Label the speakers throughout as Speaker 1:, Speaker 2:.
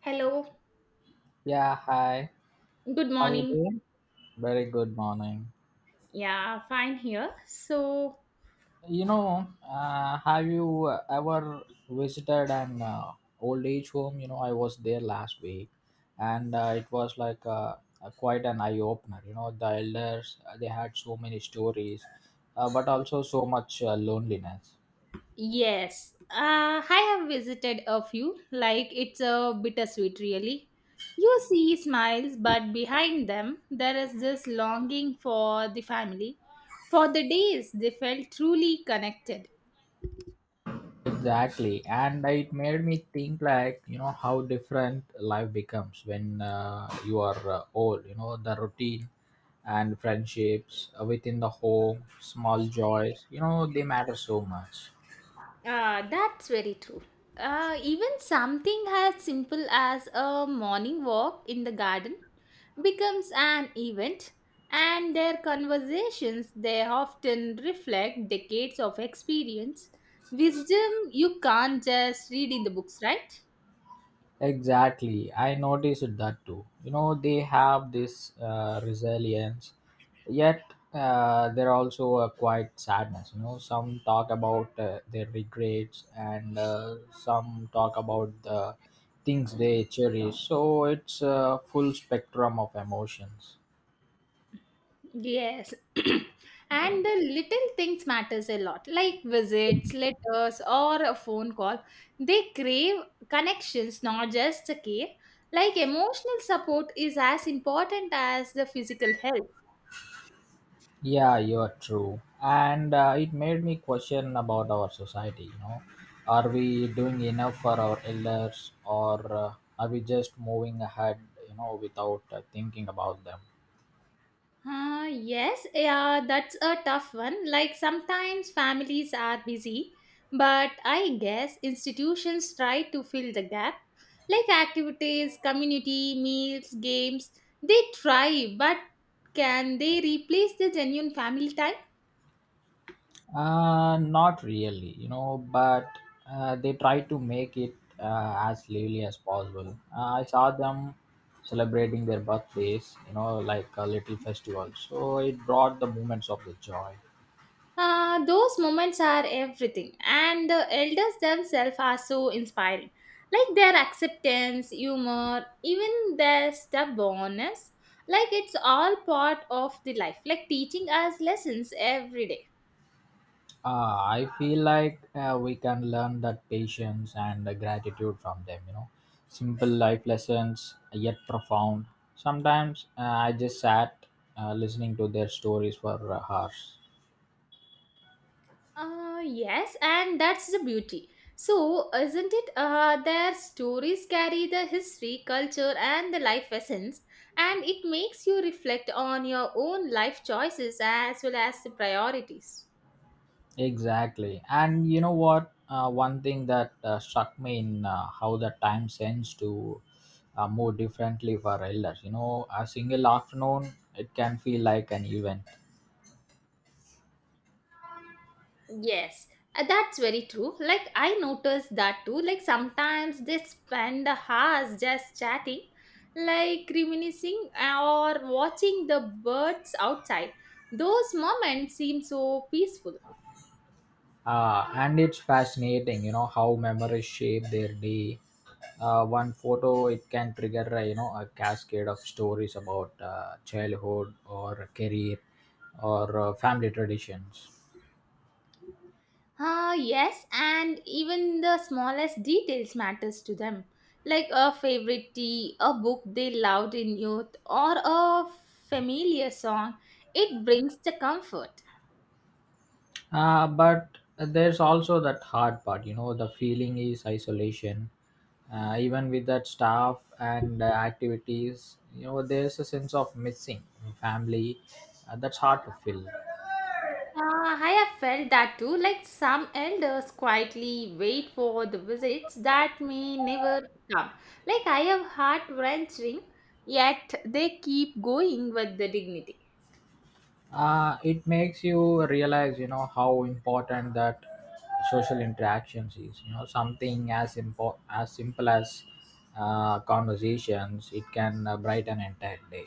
Speaker 1: Hello,
Speaker 2: Yeah, hi.
Speaker 1: good
Speaker 2: How you
Speaker 1: morning.
Speaker 2: doing? Very good morning.
Speaker 1: Yeah, fine here. So,
Speaker 2: You know, have you ever visited an old age home? You know, I was there last week, and it was like quite an eye opener. You know, the elders they had so many stories, but also so much loneliness.
Speaker 1: yes, I have visited a few. Like, it's a bittersweet, really. You see smiles, but behind them, there is this longing for the family, for the days they felt truly connected.
Speaker 2: Exactly, and it made me think, like, you know, how different life becomes when you are old. You know, the routine and friendships within the home, small joys, you know, they matter so much.
Speaker 1: Ah, that's very true. Even something as simple as a morning walk in the garden becomes an event, and their conversations they often reflect decades of experience, wisdom you can't just read in the books, right?
Speaker 2: Exactly, I noticed that too. You know, they have this resilience, yet they're also a quiet sadness. You know, some talk about their regrets, and some talk about the things they cherish. So it's a full spectrum of emotions.
Speaker 1: Yes. And the little things matters a lot, like visits, letters, or a phone call. They crave connections, not just a care. Like emotional support is as important as the physical health.
Speaker 2: Yeah, you're true. And it made me question about our society, you know. Are we doing enough for our elders, or are we just moving ahead, you know, without thinking about them?
Speaker 1: Yes, yeah, that's a tough one. Like sometimes families are busy, but I guess institutions try to fill the gap. Like activities, community, meals, games, they try, but can they replace the genuine family time?
Speaker 2: Not really, you know, but they try to make it as lively as possible. I saw them celebrating their birthdays, you know, like a little festival. So it brought the moments of the joy.
Speaker 1: Those moments are everything, and the elders themselves are so inspiring. Like their acceptance, humor, even their stubbornness, like it's all part of the life, like teaching us lessons every day.
Speaker 2: I feel like we can learn that patience and gratitude from them, you know. Simple life lessons, yet profound. Sometimes I just sat listening to their stories for hours.
Speaker 1: Yes, and that's the beauty. So, isn't it? Their stories carry the history, culture, and the life lessons, and it makes you reflect on your own life choices as well as the priorities.
Speaker 2: Exactly. And you know what? One thing that struck me in how the time sends to move differently for elders. You know, a single afternoon, it can feel like an event.
Speaker 1: Yes, that's very true. Like I noticed that too. Like sometimes they spend hours just chatting, like reminiscing or watching the birds outside. Those moments seem so peaceful.
Speaker 2: And it's fascinating, you know, how memories shape their day. One photo, it can trigger, you know, a cascade of stories about childhood or career or family traditions.
Speaker 1: Ah, yes, and even the smallest details matters to them, like a favorite tea, a book they loved in youth, or a familiar song. It brings the comfort.
Speaker 2: But there's also that hard part, you know, the feeling is isolation. Even with that staff and activities, you know, there's a sense of missing family that's hard to fill.
Speaker 1: Uh, I have felt that too. Like some elders quietly wait for the visits that may never come. Like I have heart wrenching, yet they keep going with the dignity.
Speaker 2: It makes you realize, you know, how important that social interactions is. You know, something as simple as conversations, it can brighten an entire day.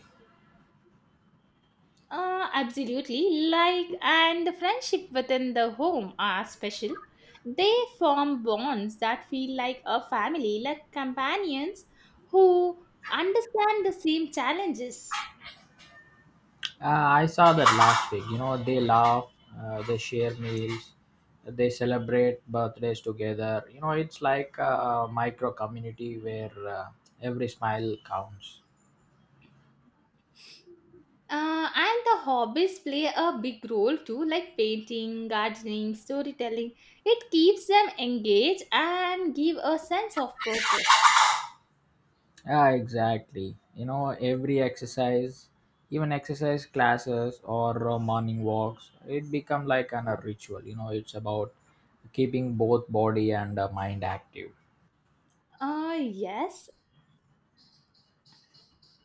Speaker 1: Absolutely. Like, and the friendship within the home are special. They form bonds that feel like a family, like companions who understand the same challenges.
Speaker 2: I saw that last week. You know, they laugh, they share meals, they celebrate birthdays together. You know, it's like a micro community where every smile counts.
Speaker 1: And the hobbies play a big role too, like painting, gardening, storytelling. It keeps them engaged and give a sense of purpose.
Speaker 2: Yeah, exactly. You know, every exercise, even exercise classes or morning walks, it become like an, a ritual. You know, it's about keeping both body and mind active.
Speaker 1: Yes.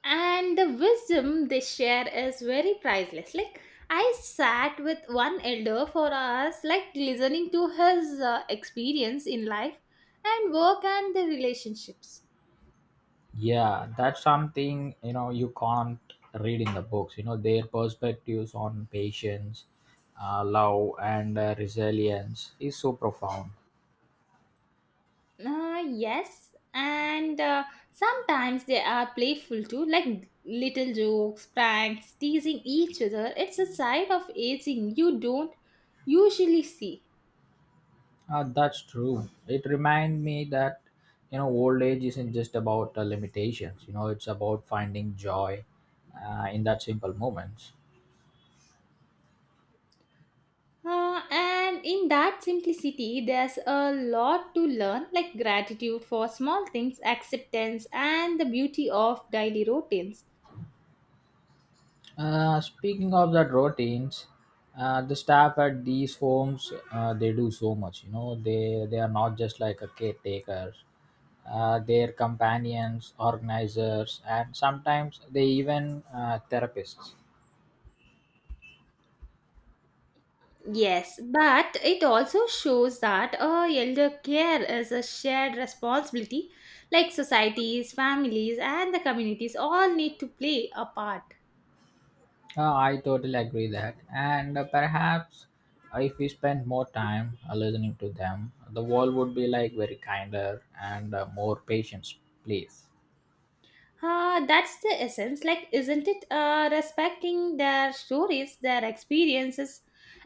Speaker 1: And the wisdom they share is very priceless. Like I sat with one elder for hours, like listening to his experience in life and work and the relationships.
Speaker 2: Yeah, that's something, you know, you can't read in the books. You know, their perspectives on patience, love, and resilience is so profound.
Speaker 1: Yes, and sometimes they are playful too, like little jokes, pranks, teasing each other. It's a side of aging you don't usually see.
Speaker 2: That's true. It reminds me that, you know, old age isn't just about limitations. You know, it's about finding joy in that simple moments.
Speaker 1: And in that simplicity, there's a lot to learn, like gratitude for small things, acceptance, and the beauty of daily routines.
Speaker 2: Speaking of that routines, the staff at these homes they do so much. You know, they are not just like a caretakers. Their companions, organizers, and sometimes they even therapists.
Speaker 1: Yes, but it also shows that elder care is a shared responsibility, like societies, families, and the communities all need to play a part.
Speaker 2: I totally agree that, and perhaps if we spend more time listening to them, the world would be like very kinder and more patience, please.
Speaker 1: That's the essence, like, isn't it? Respecting their stories, their experiences,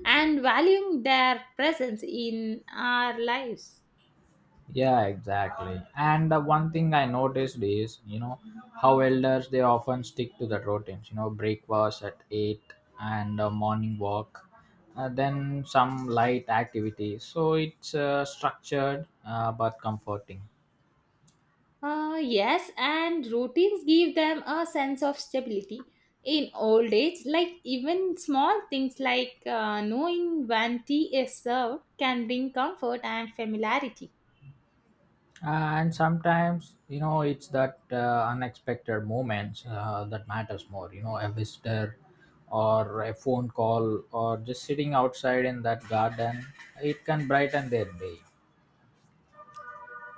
Speaker 1: and valuing their presence in our lives.
Speaker 2: Yeah, exactly. And the one thing I noticed is, you know, how elders they often stick to the routines. You know, breakfast at 8 and a morning walk, then some light activities. So it's structured but comforting.
Speaker 1: Yes, and routines give them a sense of stability. In old age, like even small things like knowing when tea is served can bring comfort and familiarity.
Speaker 2: And sometimes, you know, it's that unexpected moments that matters more. You know, a visitor or a phone call or just sitting outside in that garden, it can brighten their day.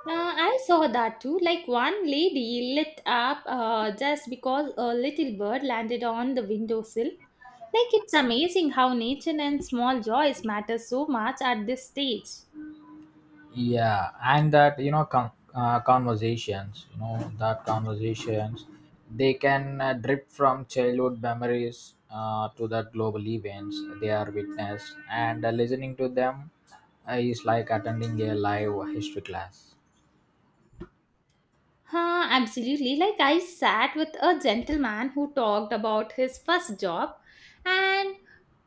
Speaker 1: I saw that too. Like one lady lit up just because a little bird landed on the windowsill. Like it's amazing how nature and small joys matter so much at this stage.
Speaker 2: Yeah, and that, you know, conversations, you know, that conversations, they can drip from childhood memories to the global events they are witnessed, and listening to them is like attending a live history class.
Speaker 1: Huh, absolutely. Like I sat with a gentleman who talked about his first job and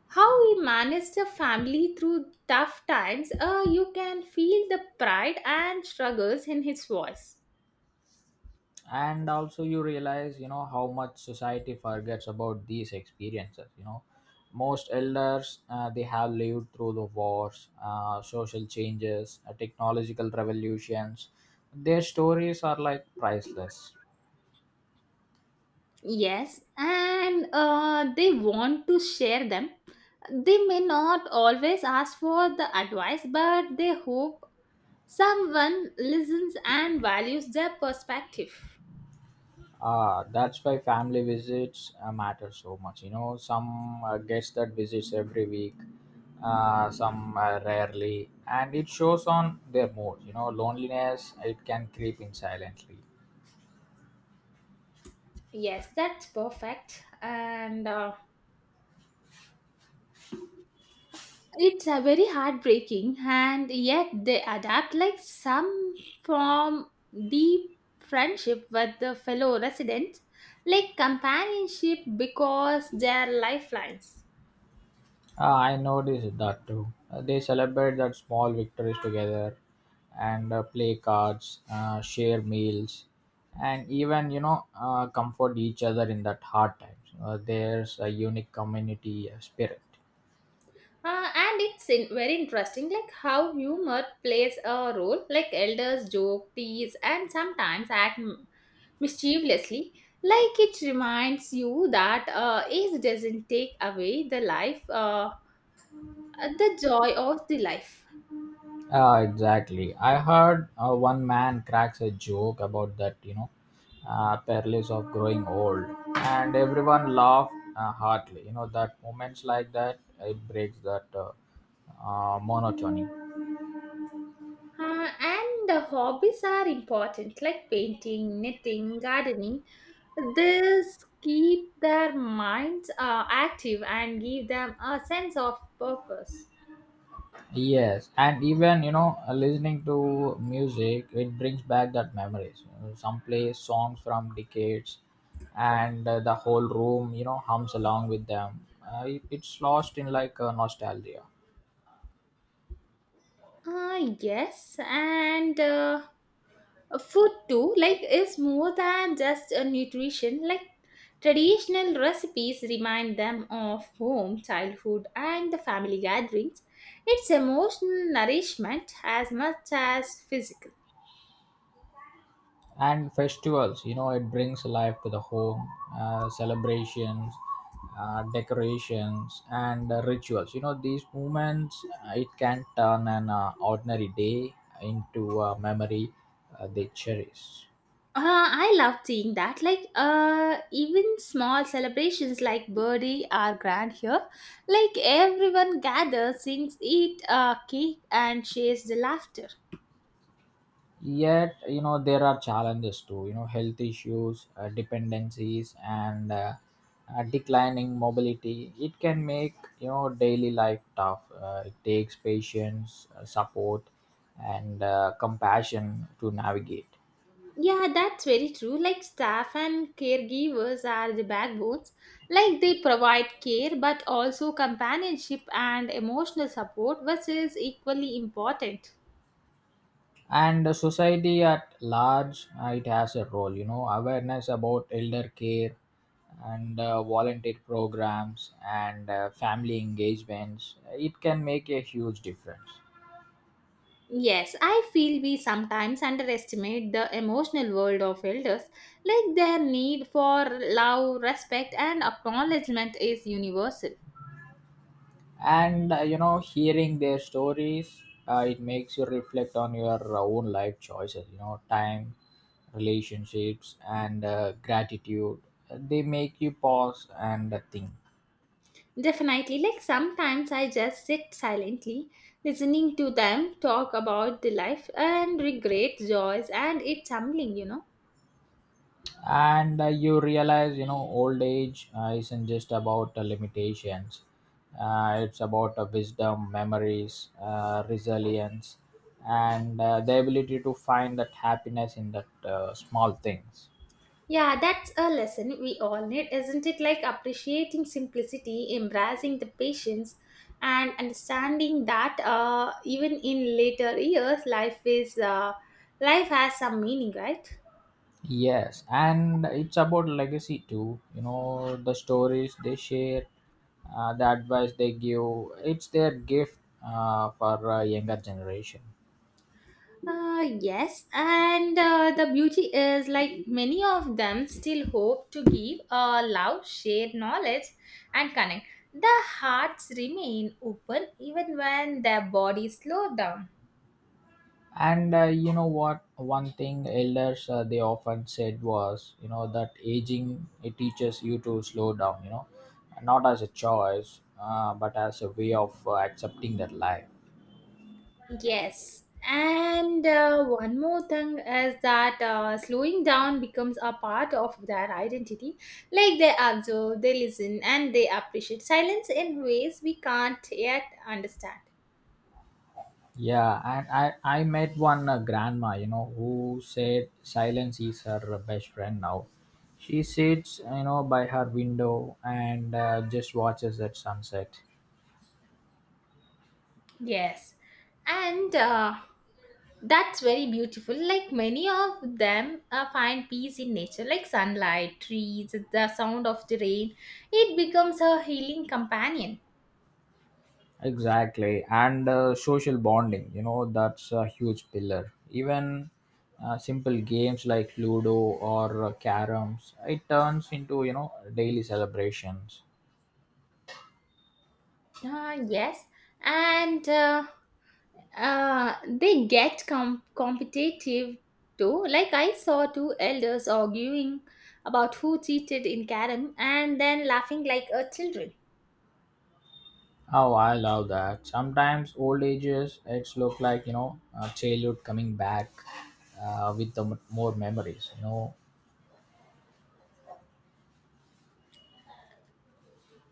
Speaker 1: how he managed a family through tough times. You can feel the pride and struggles in his voice.
Speaker 2: And also you realize, you know, how much society forgets about these experiences. You know, most elders they have lived through the wars, social changes, technological revolutions. Their stories are like priceless.
Speaker 1: Yes, and they want to share them. They may not always ask for the advice, but they hope someone listens and values their perspective.
Speaker 2: Ah, that's why family visits matter so much. You know, some guests that visits every week, some rarely, and it shows on their mood. You know, loneliness, it can creep in silently.
Speaker 1: Yes, that's perfect. And it's a very heartbreaking, and yet they adapt, like some form deep friendship with the fellow residents, like companionship because they are lifelines.
Speaker 2: Ah, I noticed that too. They celebrate that small victories together and play cards, share meals, and even, you know, comfort each other in that hard times. There's a unique community spirit.
Speaker 1: And it's in, very interesting like how humor plays a role, like elders joke, tease, and sometimes act mischievously. Like it reminds you that age doesn't take away the life, the joy of the life.
Speaker 2: Ah, exactly. I heard one man cracks a joke about that, you know, perils of growing old, and everyone laughed heartily. You know, that moments like that, it breaks that monotony.
Speaker 1: And the hobbies are important, like painting, knitting, gardening. This keep their minds active and give them a sense of purpose.
Speaker 2: Yes, and even, you know, listening to music, it brings back that memories. You know, some play songs from decades, and the whole room, you know, hums along with them. It's lost in like nostalgia.
Speaker 1: Yes, and food too, like is more than just a nutrition. Like traditional recipes remind them of home, childhood, and the family gatherings. It's emotional nourishment as much as physical.
Speaker 2: And festivals, you know, it brings life to the home, celebrations, decorations, and rituals. You know, these moments, it can turn an ordinary day into a memory they cherish.
Speaker 1: I love seeing that. Like even small celebrations like birthday are grand here. Like everyone gathers, sings, eat cake, and shares the laughter.
Speaker 2: Yet, you know, there are challenges too. You know, health issues, dependencies, and declining mobility, it can make, you know, daily life tough. It takes patience, support, and compassion to navigate.
Speaker 1: Yeah, that's very true. Like staff and caregivers are the backbones. Like they provide care but also companionship and emotional support, which is equally important.
Speaker 2: And the society at large, it has a role. You know, awareness about elder care and volunteer programs and family engagements, it can make a huge difference.
Speaker 1: Yes, I feel we sometimes underestimate the emotional world of elders. Like their need for love, respect, and acknowledgement is universal.
Speaker 2: And you know, hearing their stories, it makes you reflect on your own life choices. You know, time, relationships, and gratitude, they make you pause and think.
Speaker 1: Definitely, like sometimes I just sit silently listening to them talk about the life and regret joys, and it's humbling.
Speaker 2: And you realize, you know, old age isn't just about limitations. It's about wisdom, memories, resilience, and the ability to find that happiness in that small things.
Speaker 1: Yeah, that's a lesson we all need, isn't it? Like appreciating simplicity, embracing the patience, and understanding that even in later years, life has some meaning, right?
Speaker 2: Yes, and it's about legacy too. You know, the stories they share, the advice they give, it's their gift for younger generation.
Speaker 1: Yes, and the beauty is like many of them still hope to give a love, share knowledge, and connect. The hearts remain open even when their bodies slow down.
Speaker 2: And you know what? One thing elders they often said was, you know, that aging, it teaches you to slow down. You know, not as a choice, but as a way of accepting that life.
Speaker 1: Yes, and one more thing is that slowing down becomes a part of their identity. Like they observe, they listen, and they appreciate silence in ways we can't yet understand.
Speaker 2: Yeah, and I met one grandma, you know, who said silence is her best friend now. She sits, you know, by her window and just watches that sunset.
Speaker 1: Yes, and that's very beautiful. Like many of them find peace in nature, like sunlight, trees, the sound of the rain. It becomes a healing companion.
Speaker 2: Exactly. And social bonding, you know, that's a huge pillar. Even simple games like Ludo or caroms, it turns into, you know, daily celebrations.
Speaker 1: Ah, yes. And they get competitive too. Like I saw two elders arguing about who cheated in Karam and then laughing like a children.
Speaker 2: How I love that. Sometimes old ages, it's look like, you know, childhood coming back with the more memories, you know.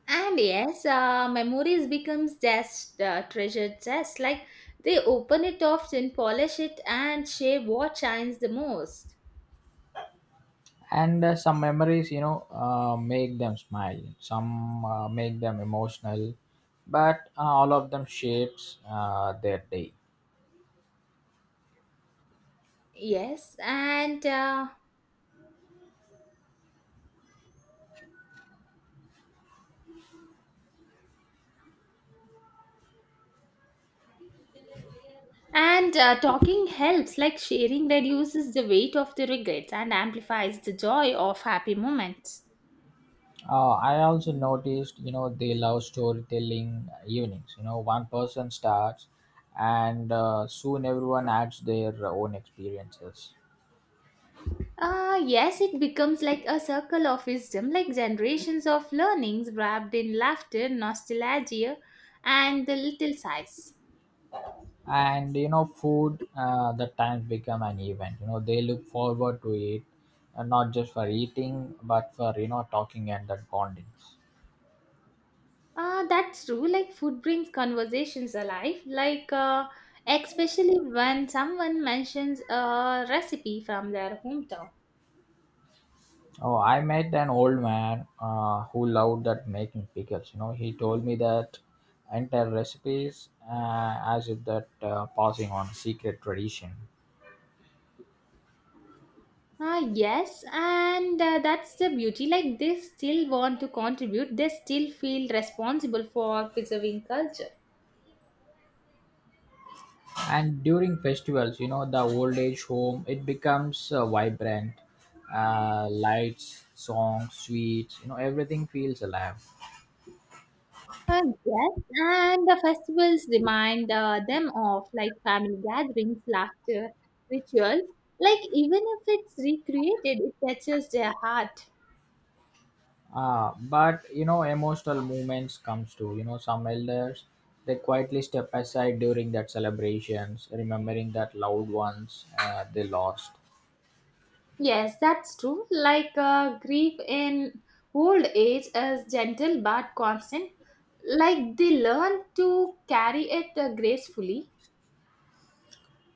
Speaker 1: And yes, memories becomes just treasure chest. Like they open it often, polish it, and shape what shines the most.
Speaker 2: And some memories, you know, make them smile. Some make them emotional, but all of them shapes their day.
Speaker 1: Yes, and talking helps. Like sharing reduces the weight of the regrets and amplifies the joy of happy moments.
Speaker 2: I also noticed, you know, they love storytelling evenings. You know, one person starts, and soon everyone adds their own experiences.
Speaker 1: Yes, it becomes like a circle of wisdom, like generations of learnings wrapped in laughter, nostalgia, and the little sighs.
Speaker 2: And you know, food, the times become an event. You know, they look forward to it, and not just for eating but for, you know, talking and that bonding.
Speaker 1: That's true. Like food brings conversations alive. Like especially when someone mentions a recipe from their hometown.
Speaker 2: Oh, I met an old man who loved that making pickles. You know, he told me that entire recipes as if that passing on secret tradition.
Speaker 1: Ah, yes, and that's the beauty. Like they still want to contribute. They still feel responsible for preserving culture.
Speaker 2: And during festivals, you know, the old age home, it becomes vibrant, lights, songs, sweets. You know, everything feels alive.
Speaker 1: Yes, and the festivals remind them of like family gatherings, laughter, rituals. Like even if it's recreated, it touches their heart.
Speaker 2: Ah, but you know, emotional moments comes to, you know, some elders. They quietly step aside during that celebrations, remembering that loved ones they lost.
Speaker 1: Yes, that's true. Like grief in old age is gentle but constant. Like they learn to carry it gracefully.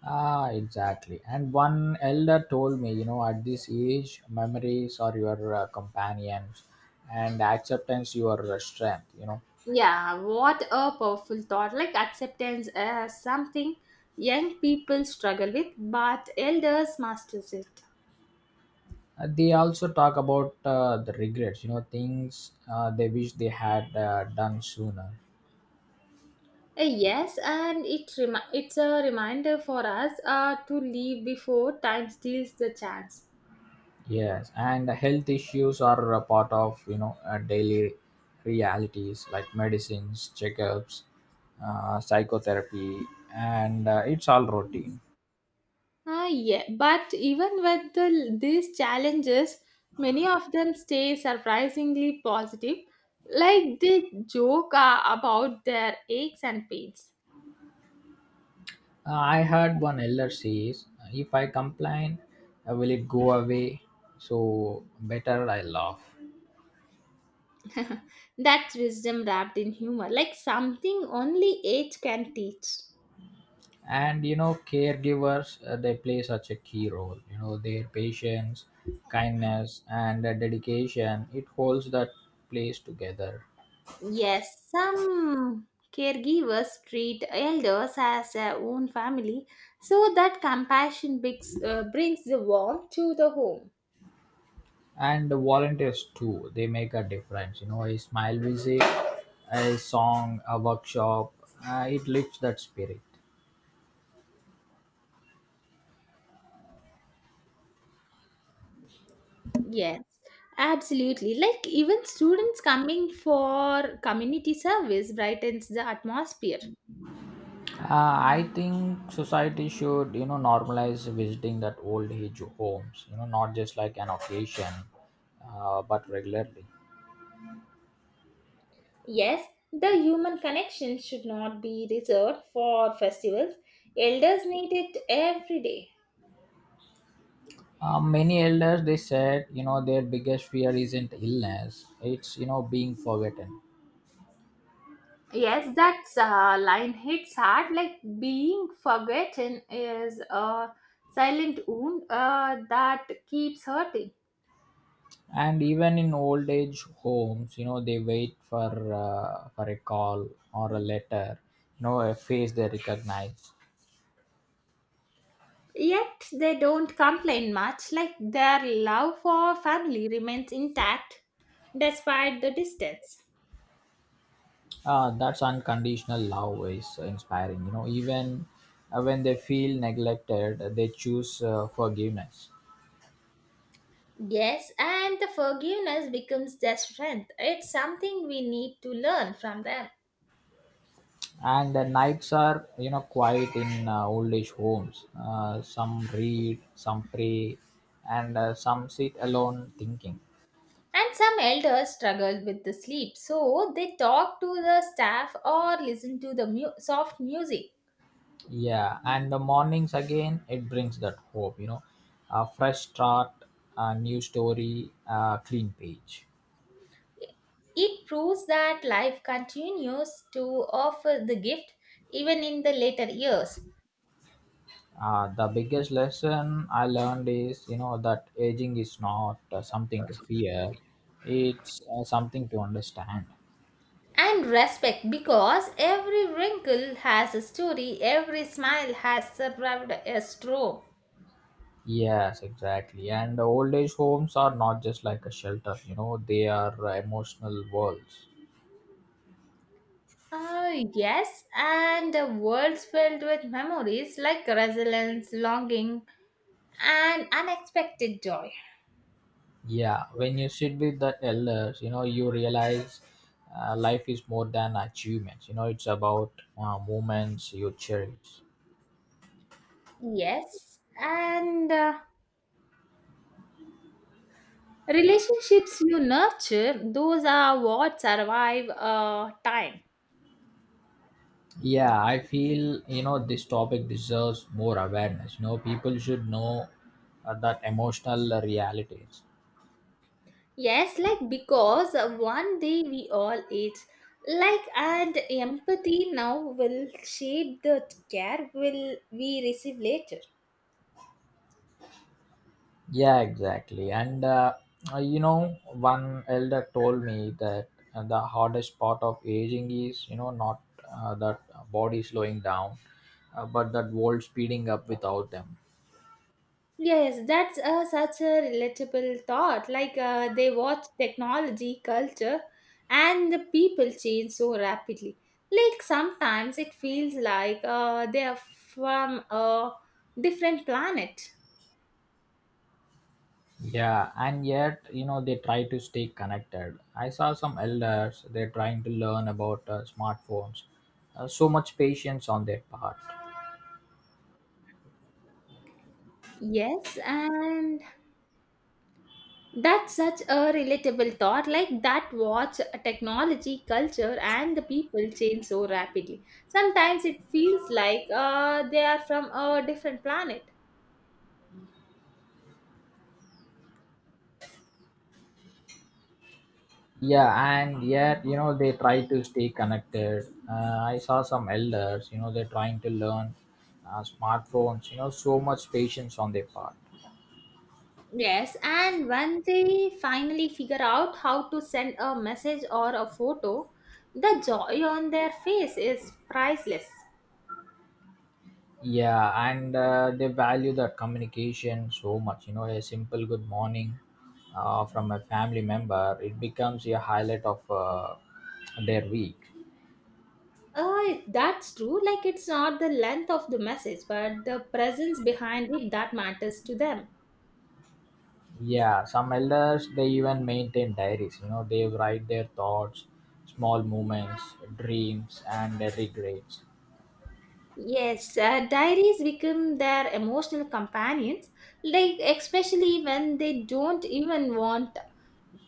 Speaker 2: Ah, exactly. And one elder told me, you know, at this age, memories are your companions, and acceptance your strength. You know,
Speaker 1: Yeah, what a powerful thought. Like acceptance is something young people struggle with, but elders masters it.
Speaker 2: They also talk about the regrets. You know, things they wish they had done sooner.
Speaker 1: Yes, and it's a reminder for us to leave before time steals the chance.
Speaker 2: Yes, and health issues are a part of, you know, daily realities, like medicines, checkups, psychotherapy, and it's all routine.
Speaker 1: Ah, yeah, but even with these challenges, many of them stay surprisingly positive, like they joke about their aches and pains.
Speaker 2: I heard one elder says, "If I complain, will it go away? So better I laugh."
Speaker 1: That's wisdom wrapped in humor, like something only age can teach.
Speaker 2: And you know, caregivers they play such a key role. You know, their patience, kindness, and dedication, it holds that place together.
Speaker 1: Yes, some caregivers treat elders as their own family, so that compassion brings the warmth to the home.
Speaker 2: And the volunteers too, they make a difference. A smile, visit, a song, a workshop, it lifts that spirit.
Speaker 1: Yes, absolutely. Like even students coming for community service brightens the atmosphere.
Speaker 2: I think society should, normalize visiting that old age homes, not just like an occasion, but regularly.
Speaker 1: Yes, the human connection should not be reserved for festivals. Elders need it every day.
Speaker 2: Many elders, they said, their biggest fear isn't illness, it's, being forgotten.
Speaker 1: Yes, that line hits hard. Like being forgotten is a silent wound that keeps hurting.
Speaker 2: And even in old age homes, they wait for for a call or a letter, a face they recognize.
Speaker 1: Yet they don't complain much. Like their love for family remains intact despite the distance.
Speaker 2: That's unconditional love is inspiring, even when they feel neglected, they choose forgiveness.
Speaker 1: Yes, and the forgiveness becomes their strength. It's something we need to learn from them.
Speaker 2: And the nights are, quiet in old age homes. Some read, some pray, and some sit alone thinking.
Speaker 1: And some elders struggle with the sleep, so they talk to the staff or listen to the soft music.
Speaker 2: Yeah, and the mornings again, it brings that hope, a fresh start, a new story, a clean page.
Speaker 1: It proves that life continues to offer the gift even in the later years.
Speaker 2: The biggest lesson I learned is, that aging is not something to fear, it's something to understand.
Speaker 1: And respect because every wrinkle has a story, every smile has survived a stroke.
Speaker 2: Yes, exactly. And the old age homes are not just like a shelter, they are emotional worlds.
Speaker 1: Ah, yes, and a world filled with memories, like resilience, longing, and unexpected joy.
Speaker 2: Yeah, when you sit with the elders, you realize life is more than achievements, it's about moments you cherish.
Speaker 1: Yes, and relationships you nurture, those are what survive time.
Speaker 2: Yeah, I feel, this topic deserves more awareness. People should know that emotional realities.
Speaker 1: Yes, like because one day we all age. Like and empathy now will shape the care will we receive later.
Speaker 2: Yeah, exactly. And one elder told me that the hardest part of aging is, not that body slowing down, but that world speeding up without them.
Speaker 1: Yes, that's such a relatable thought. Like they watch technology, culture, and the people change so rapidly. Like sometimes it feels like they are from a different planet.
Speaker 2: Yeah, and yet, they try to stay connected. I saw some elders, they're trying to learn about smartphones. So much patience on their part.
Speaker 1: Yes, and that's such a relatable thought, like that watch technology, culture, and the people change so rapidly. Sometimes it feels like they are from a different planet.
Speaker 2: Yeah, and yet, they try to stay connected. I saw some elders, they're trying to learn smartphones, so much patience on their part.
Speaker 1: Yes, and when they finally figure out how to send a message or a photo, the joy on their face is priceless.
Speaker 2: Yeah, and they value that communication so much. You know, a simple good morning from a family member, it becomes a highlight of their week.
Speaker 1: That's true, like it's not the length of the message, but the presence behind it that matters to them.
Speaker 2: Yeah, some elders, they even maintain diaries. You know, they write their thoughts, small moments, dreams, and their regrets.
Speaker 1: Yes, diaries become their emotional companions, like especially when they don't even want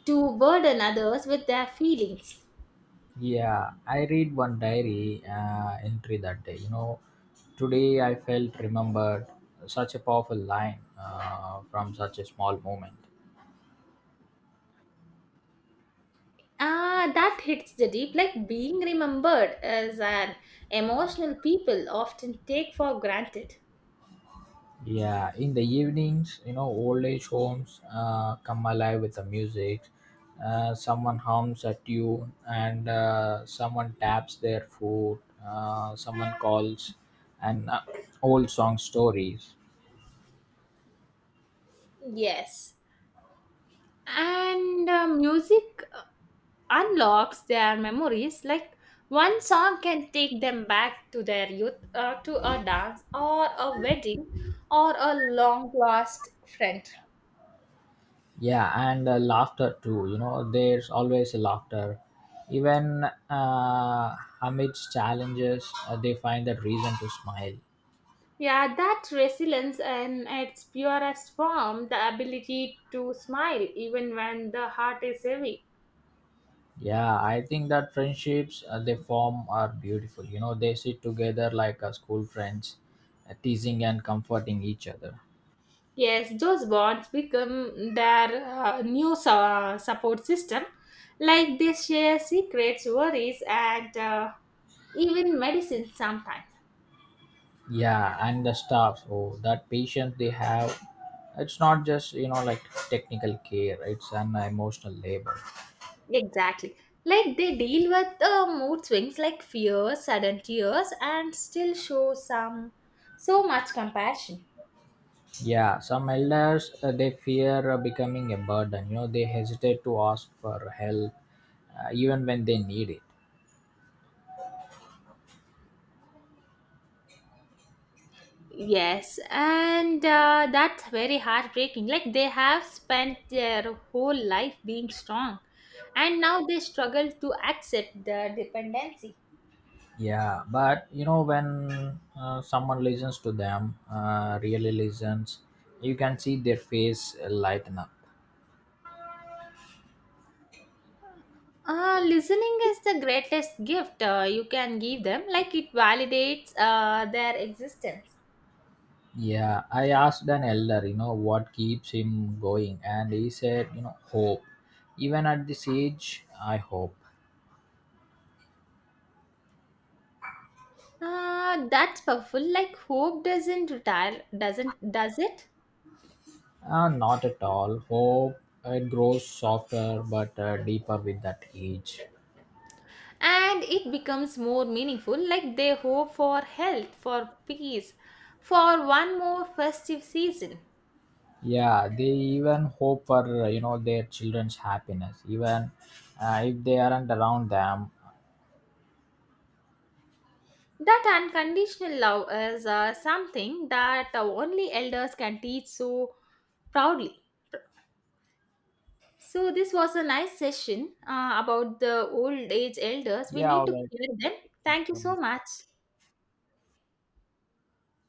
Speaker 1: to burden others with their feelings.
Speaker 2: Yeah, I read one diary entry that day. You know, today I felt remembered. Such a powerful line from such a small moment.
Speaker 1: Ah, that hits the deep. Like being remembered as an emotional people often take for granted.
Speaker 2: Yeah, in the evenings, old age homes come alive with the music. Someone hums a tune, and someone taps their foot. Someone calls, and old song stories.
Speaker 1: Yes, and music uh, unlocks their memories, like one song can take them back to their youth, to a dance or a wedding or a long lost friend.
Speaker 2: Yeah, and laughter too. You know, there's always laughter. Even amidst challenges, they find a reason to smile.
Speaker 1: Yeah, that resilience in its purest form, the ability to smile even when the heart is heavy.
Speaker 2: Yeah, I think that friendships they form are beautiful. You know, they sit together like school friends, teasing and comforting each other.
Speaker 1: Yes, those bonds become their new support system. Like they share secrets, worries, and even medicine sometimes.
Speaker 2: Yeah, and the staff, oh, that patience they have, it's not just, like technical care; it's an emotional labor.
Speaker 1: Exactly. Like they deal with mood swings like fear, sudden tears, and still show some so much compassion.
Speaker 2: Yeah, some elders they fear becoming a burden. You know, they hesitate to ask for help, even when they need it.
Speaker 1: Yes, and that's very heartbreaking. Like they have spent their whole life being strong, and now they struggle to accept the dependency.
Speaker 2: Yeah, but when someone listens to them, really listens, you can see their face lighten up.
Speaker 1: Listening is the greatest gift you can give them. Like it validates their existence.
Speaker 2: Yeah, I asked an elder, what keeps him going, and he said, hope. Even at this age, I hope.
Speaker 1: Ah, that's powerful. Like hope doesn't retire, doesn't does it?
Speaker 2: Not at all, hope, it grows softer but deeper with that age.
Speaker 1: And it becomes more meaningful. Like they hope for health, for peace, for one more festive season.
Speaker 2: Yeah, they even hope for, their children's happiness, even if they aren't around them.
Speaker 1: That unconditional love is something that only elders can teach so proudly. So this was a nice session about the old age elders. We
Speaker 2: Yeah,
Speaker 1: need to
Speaker 2: all.
Speaker 1: hear them. Thank you so
Speaker 2: So
Speaker 1: much.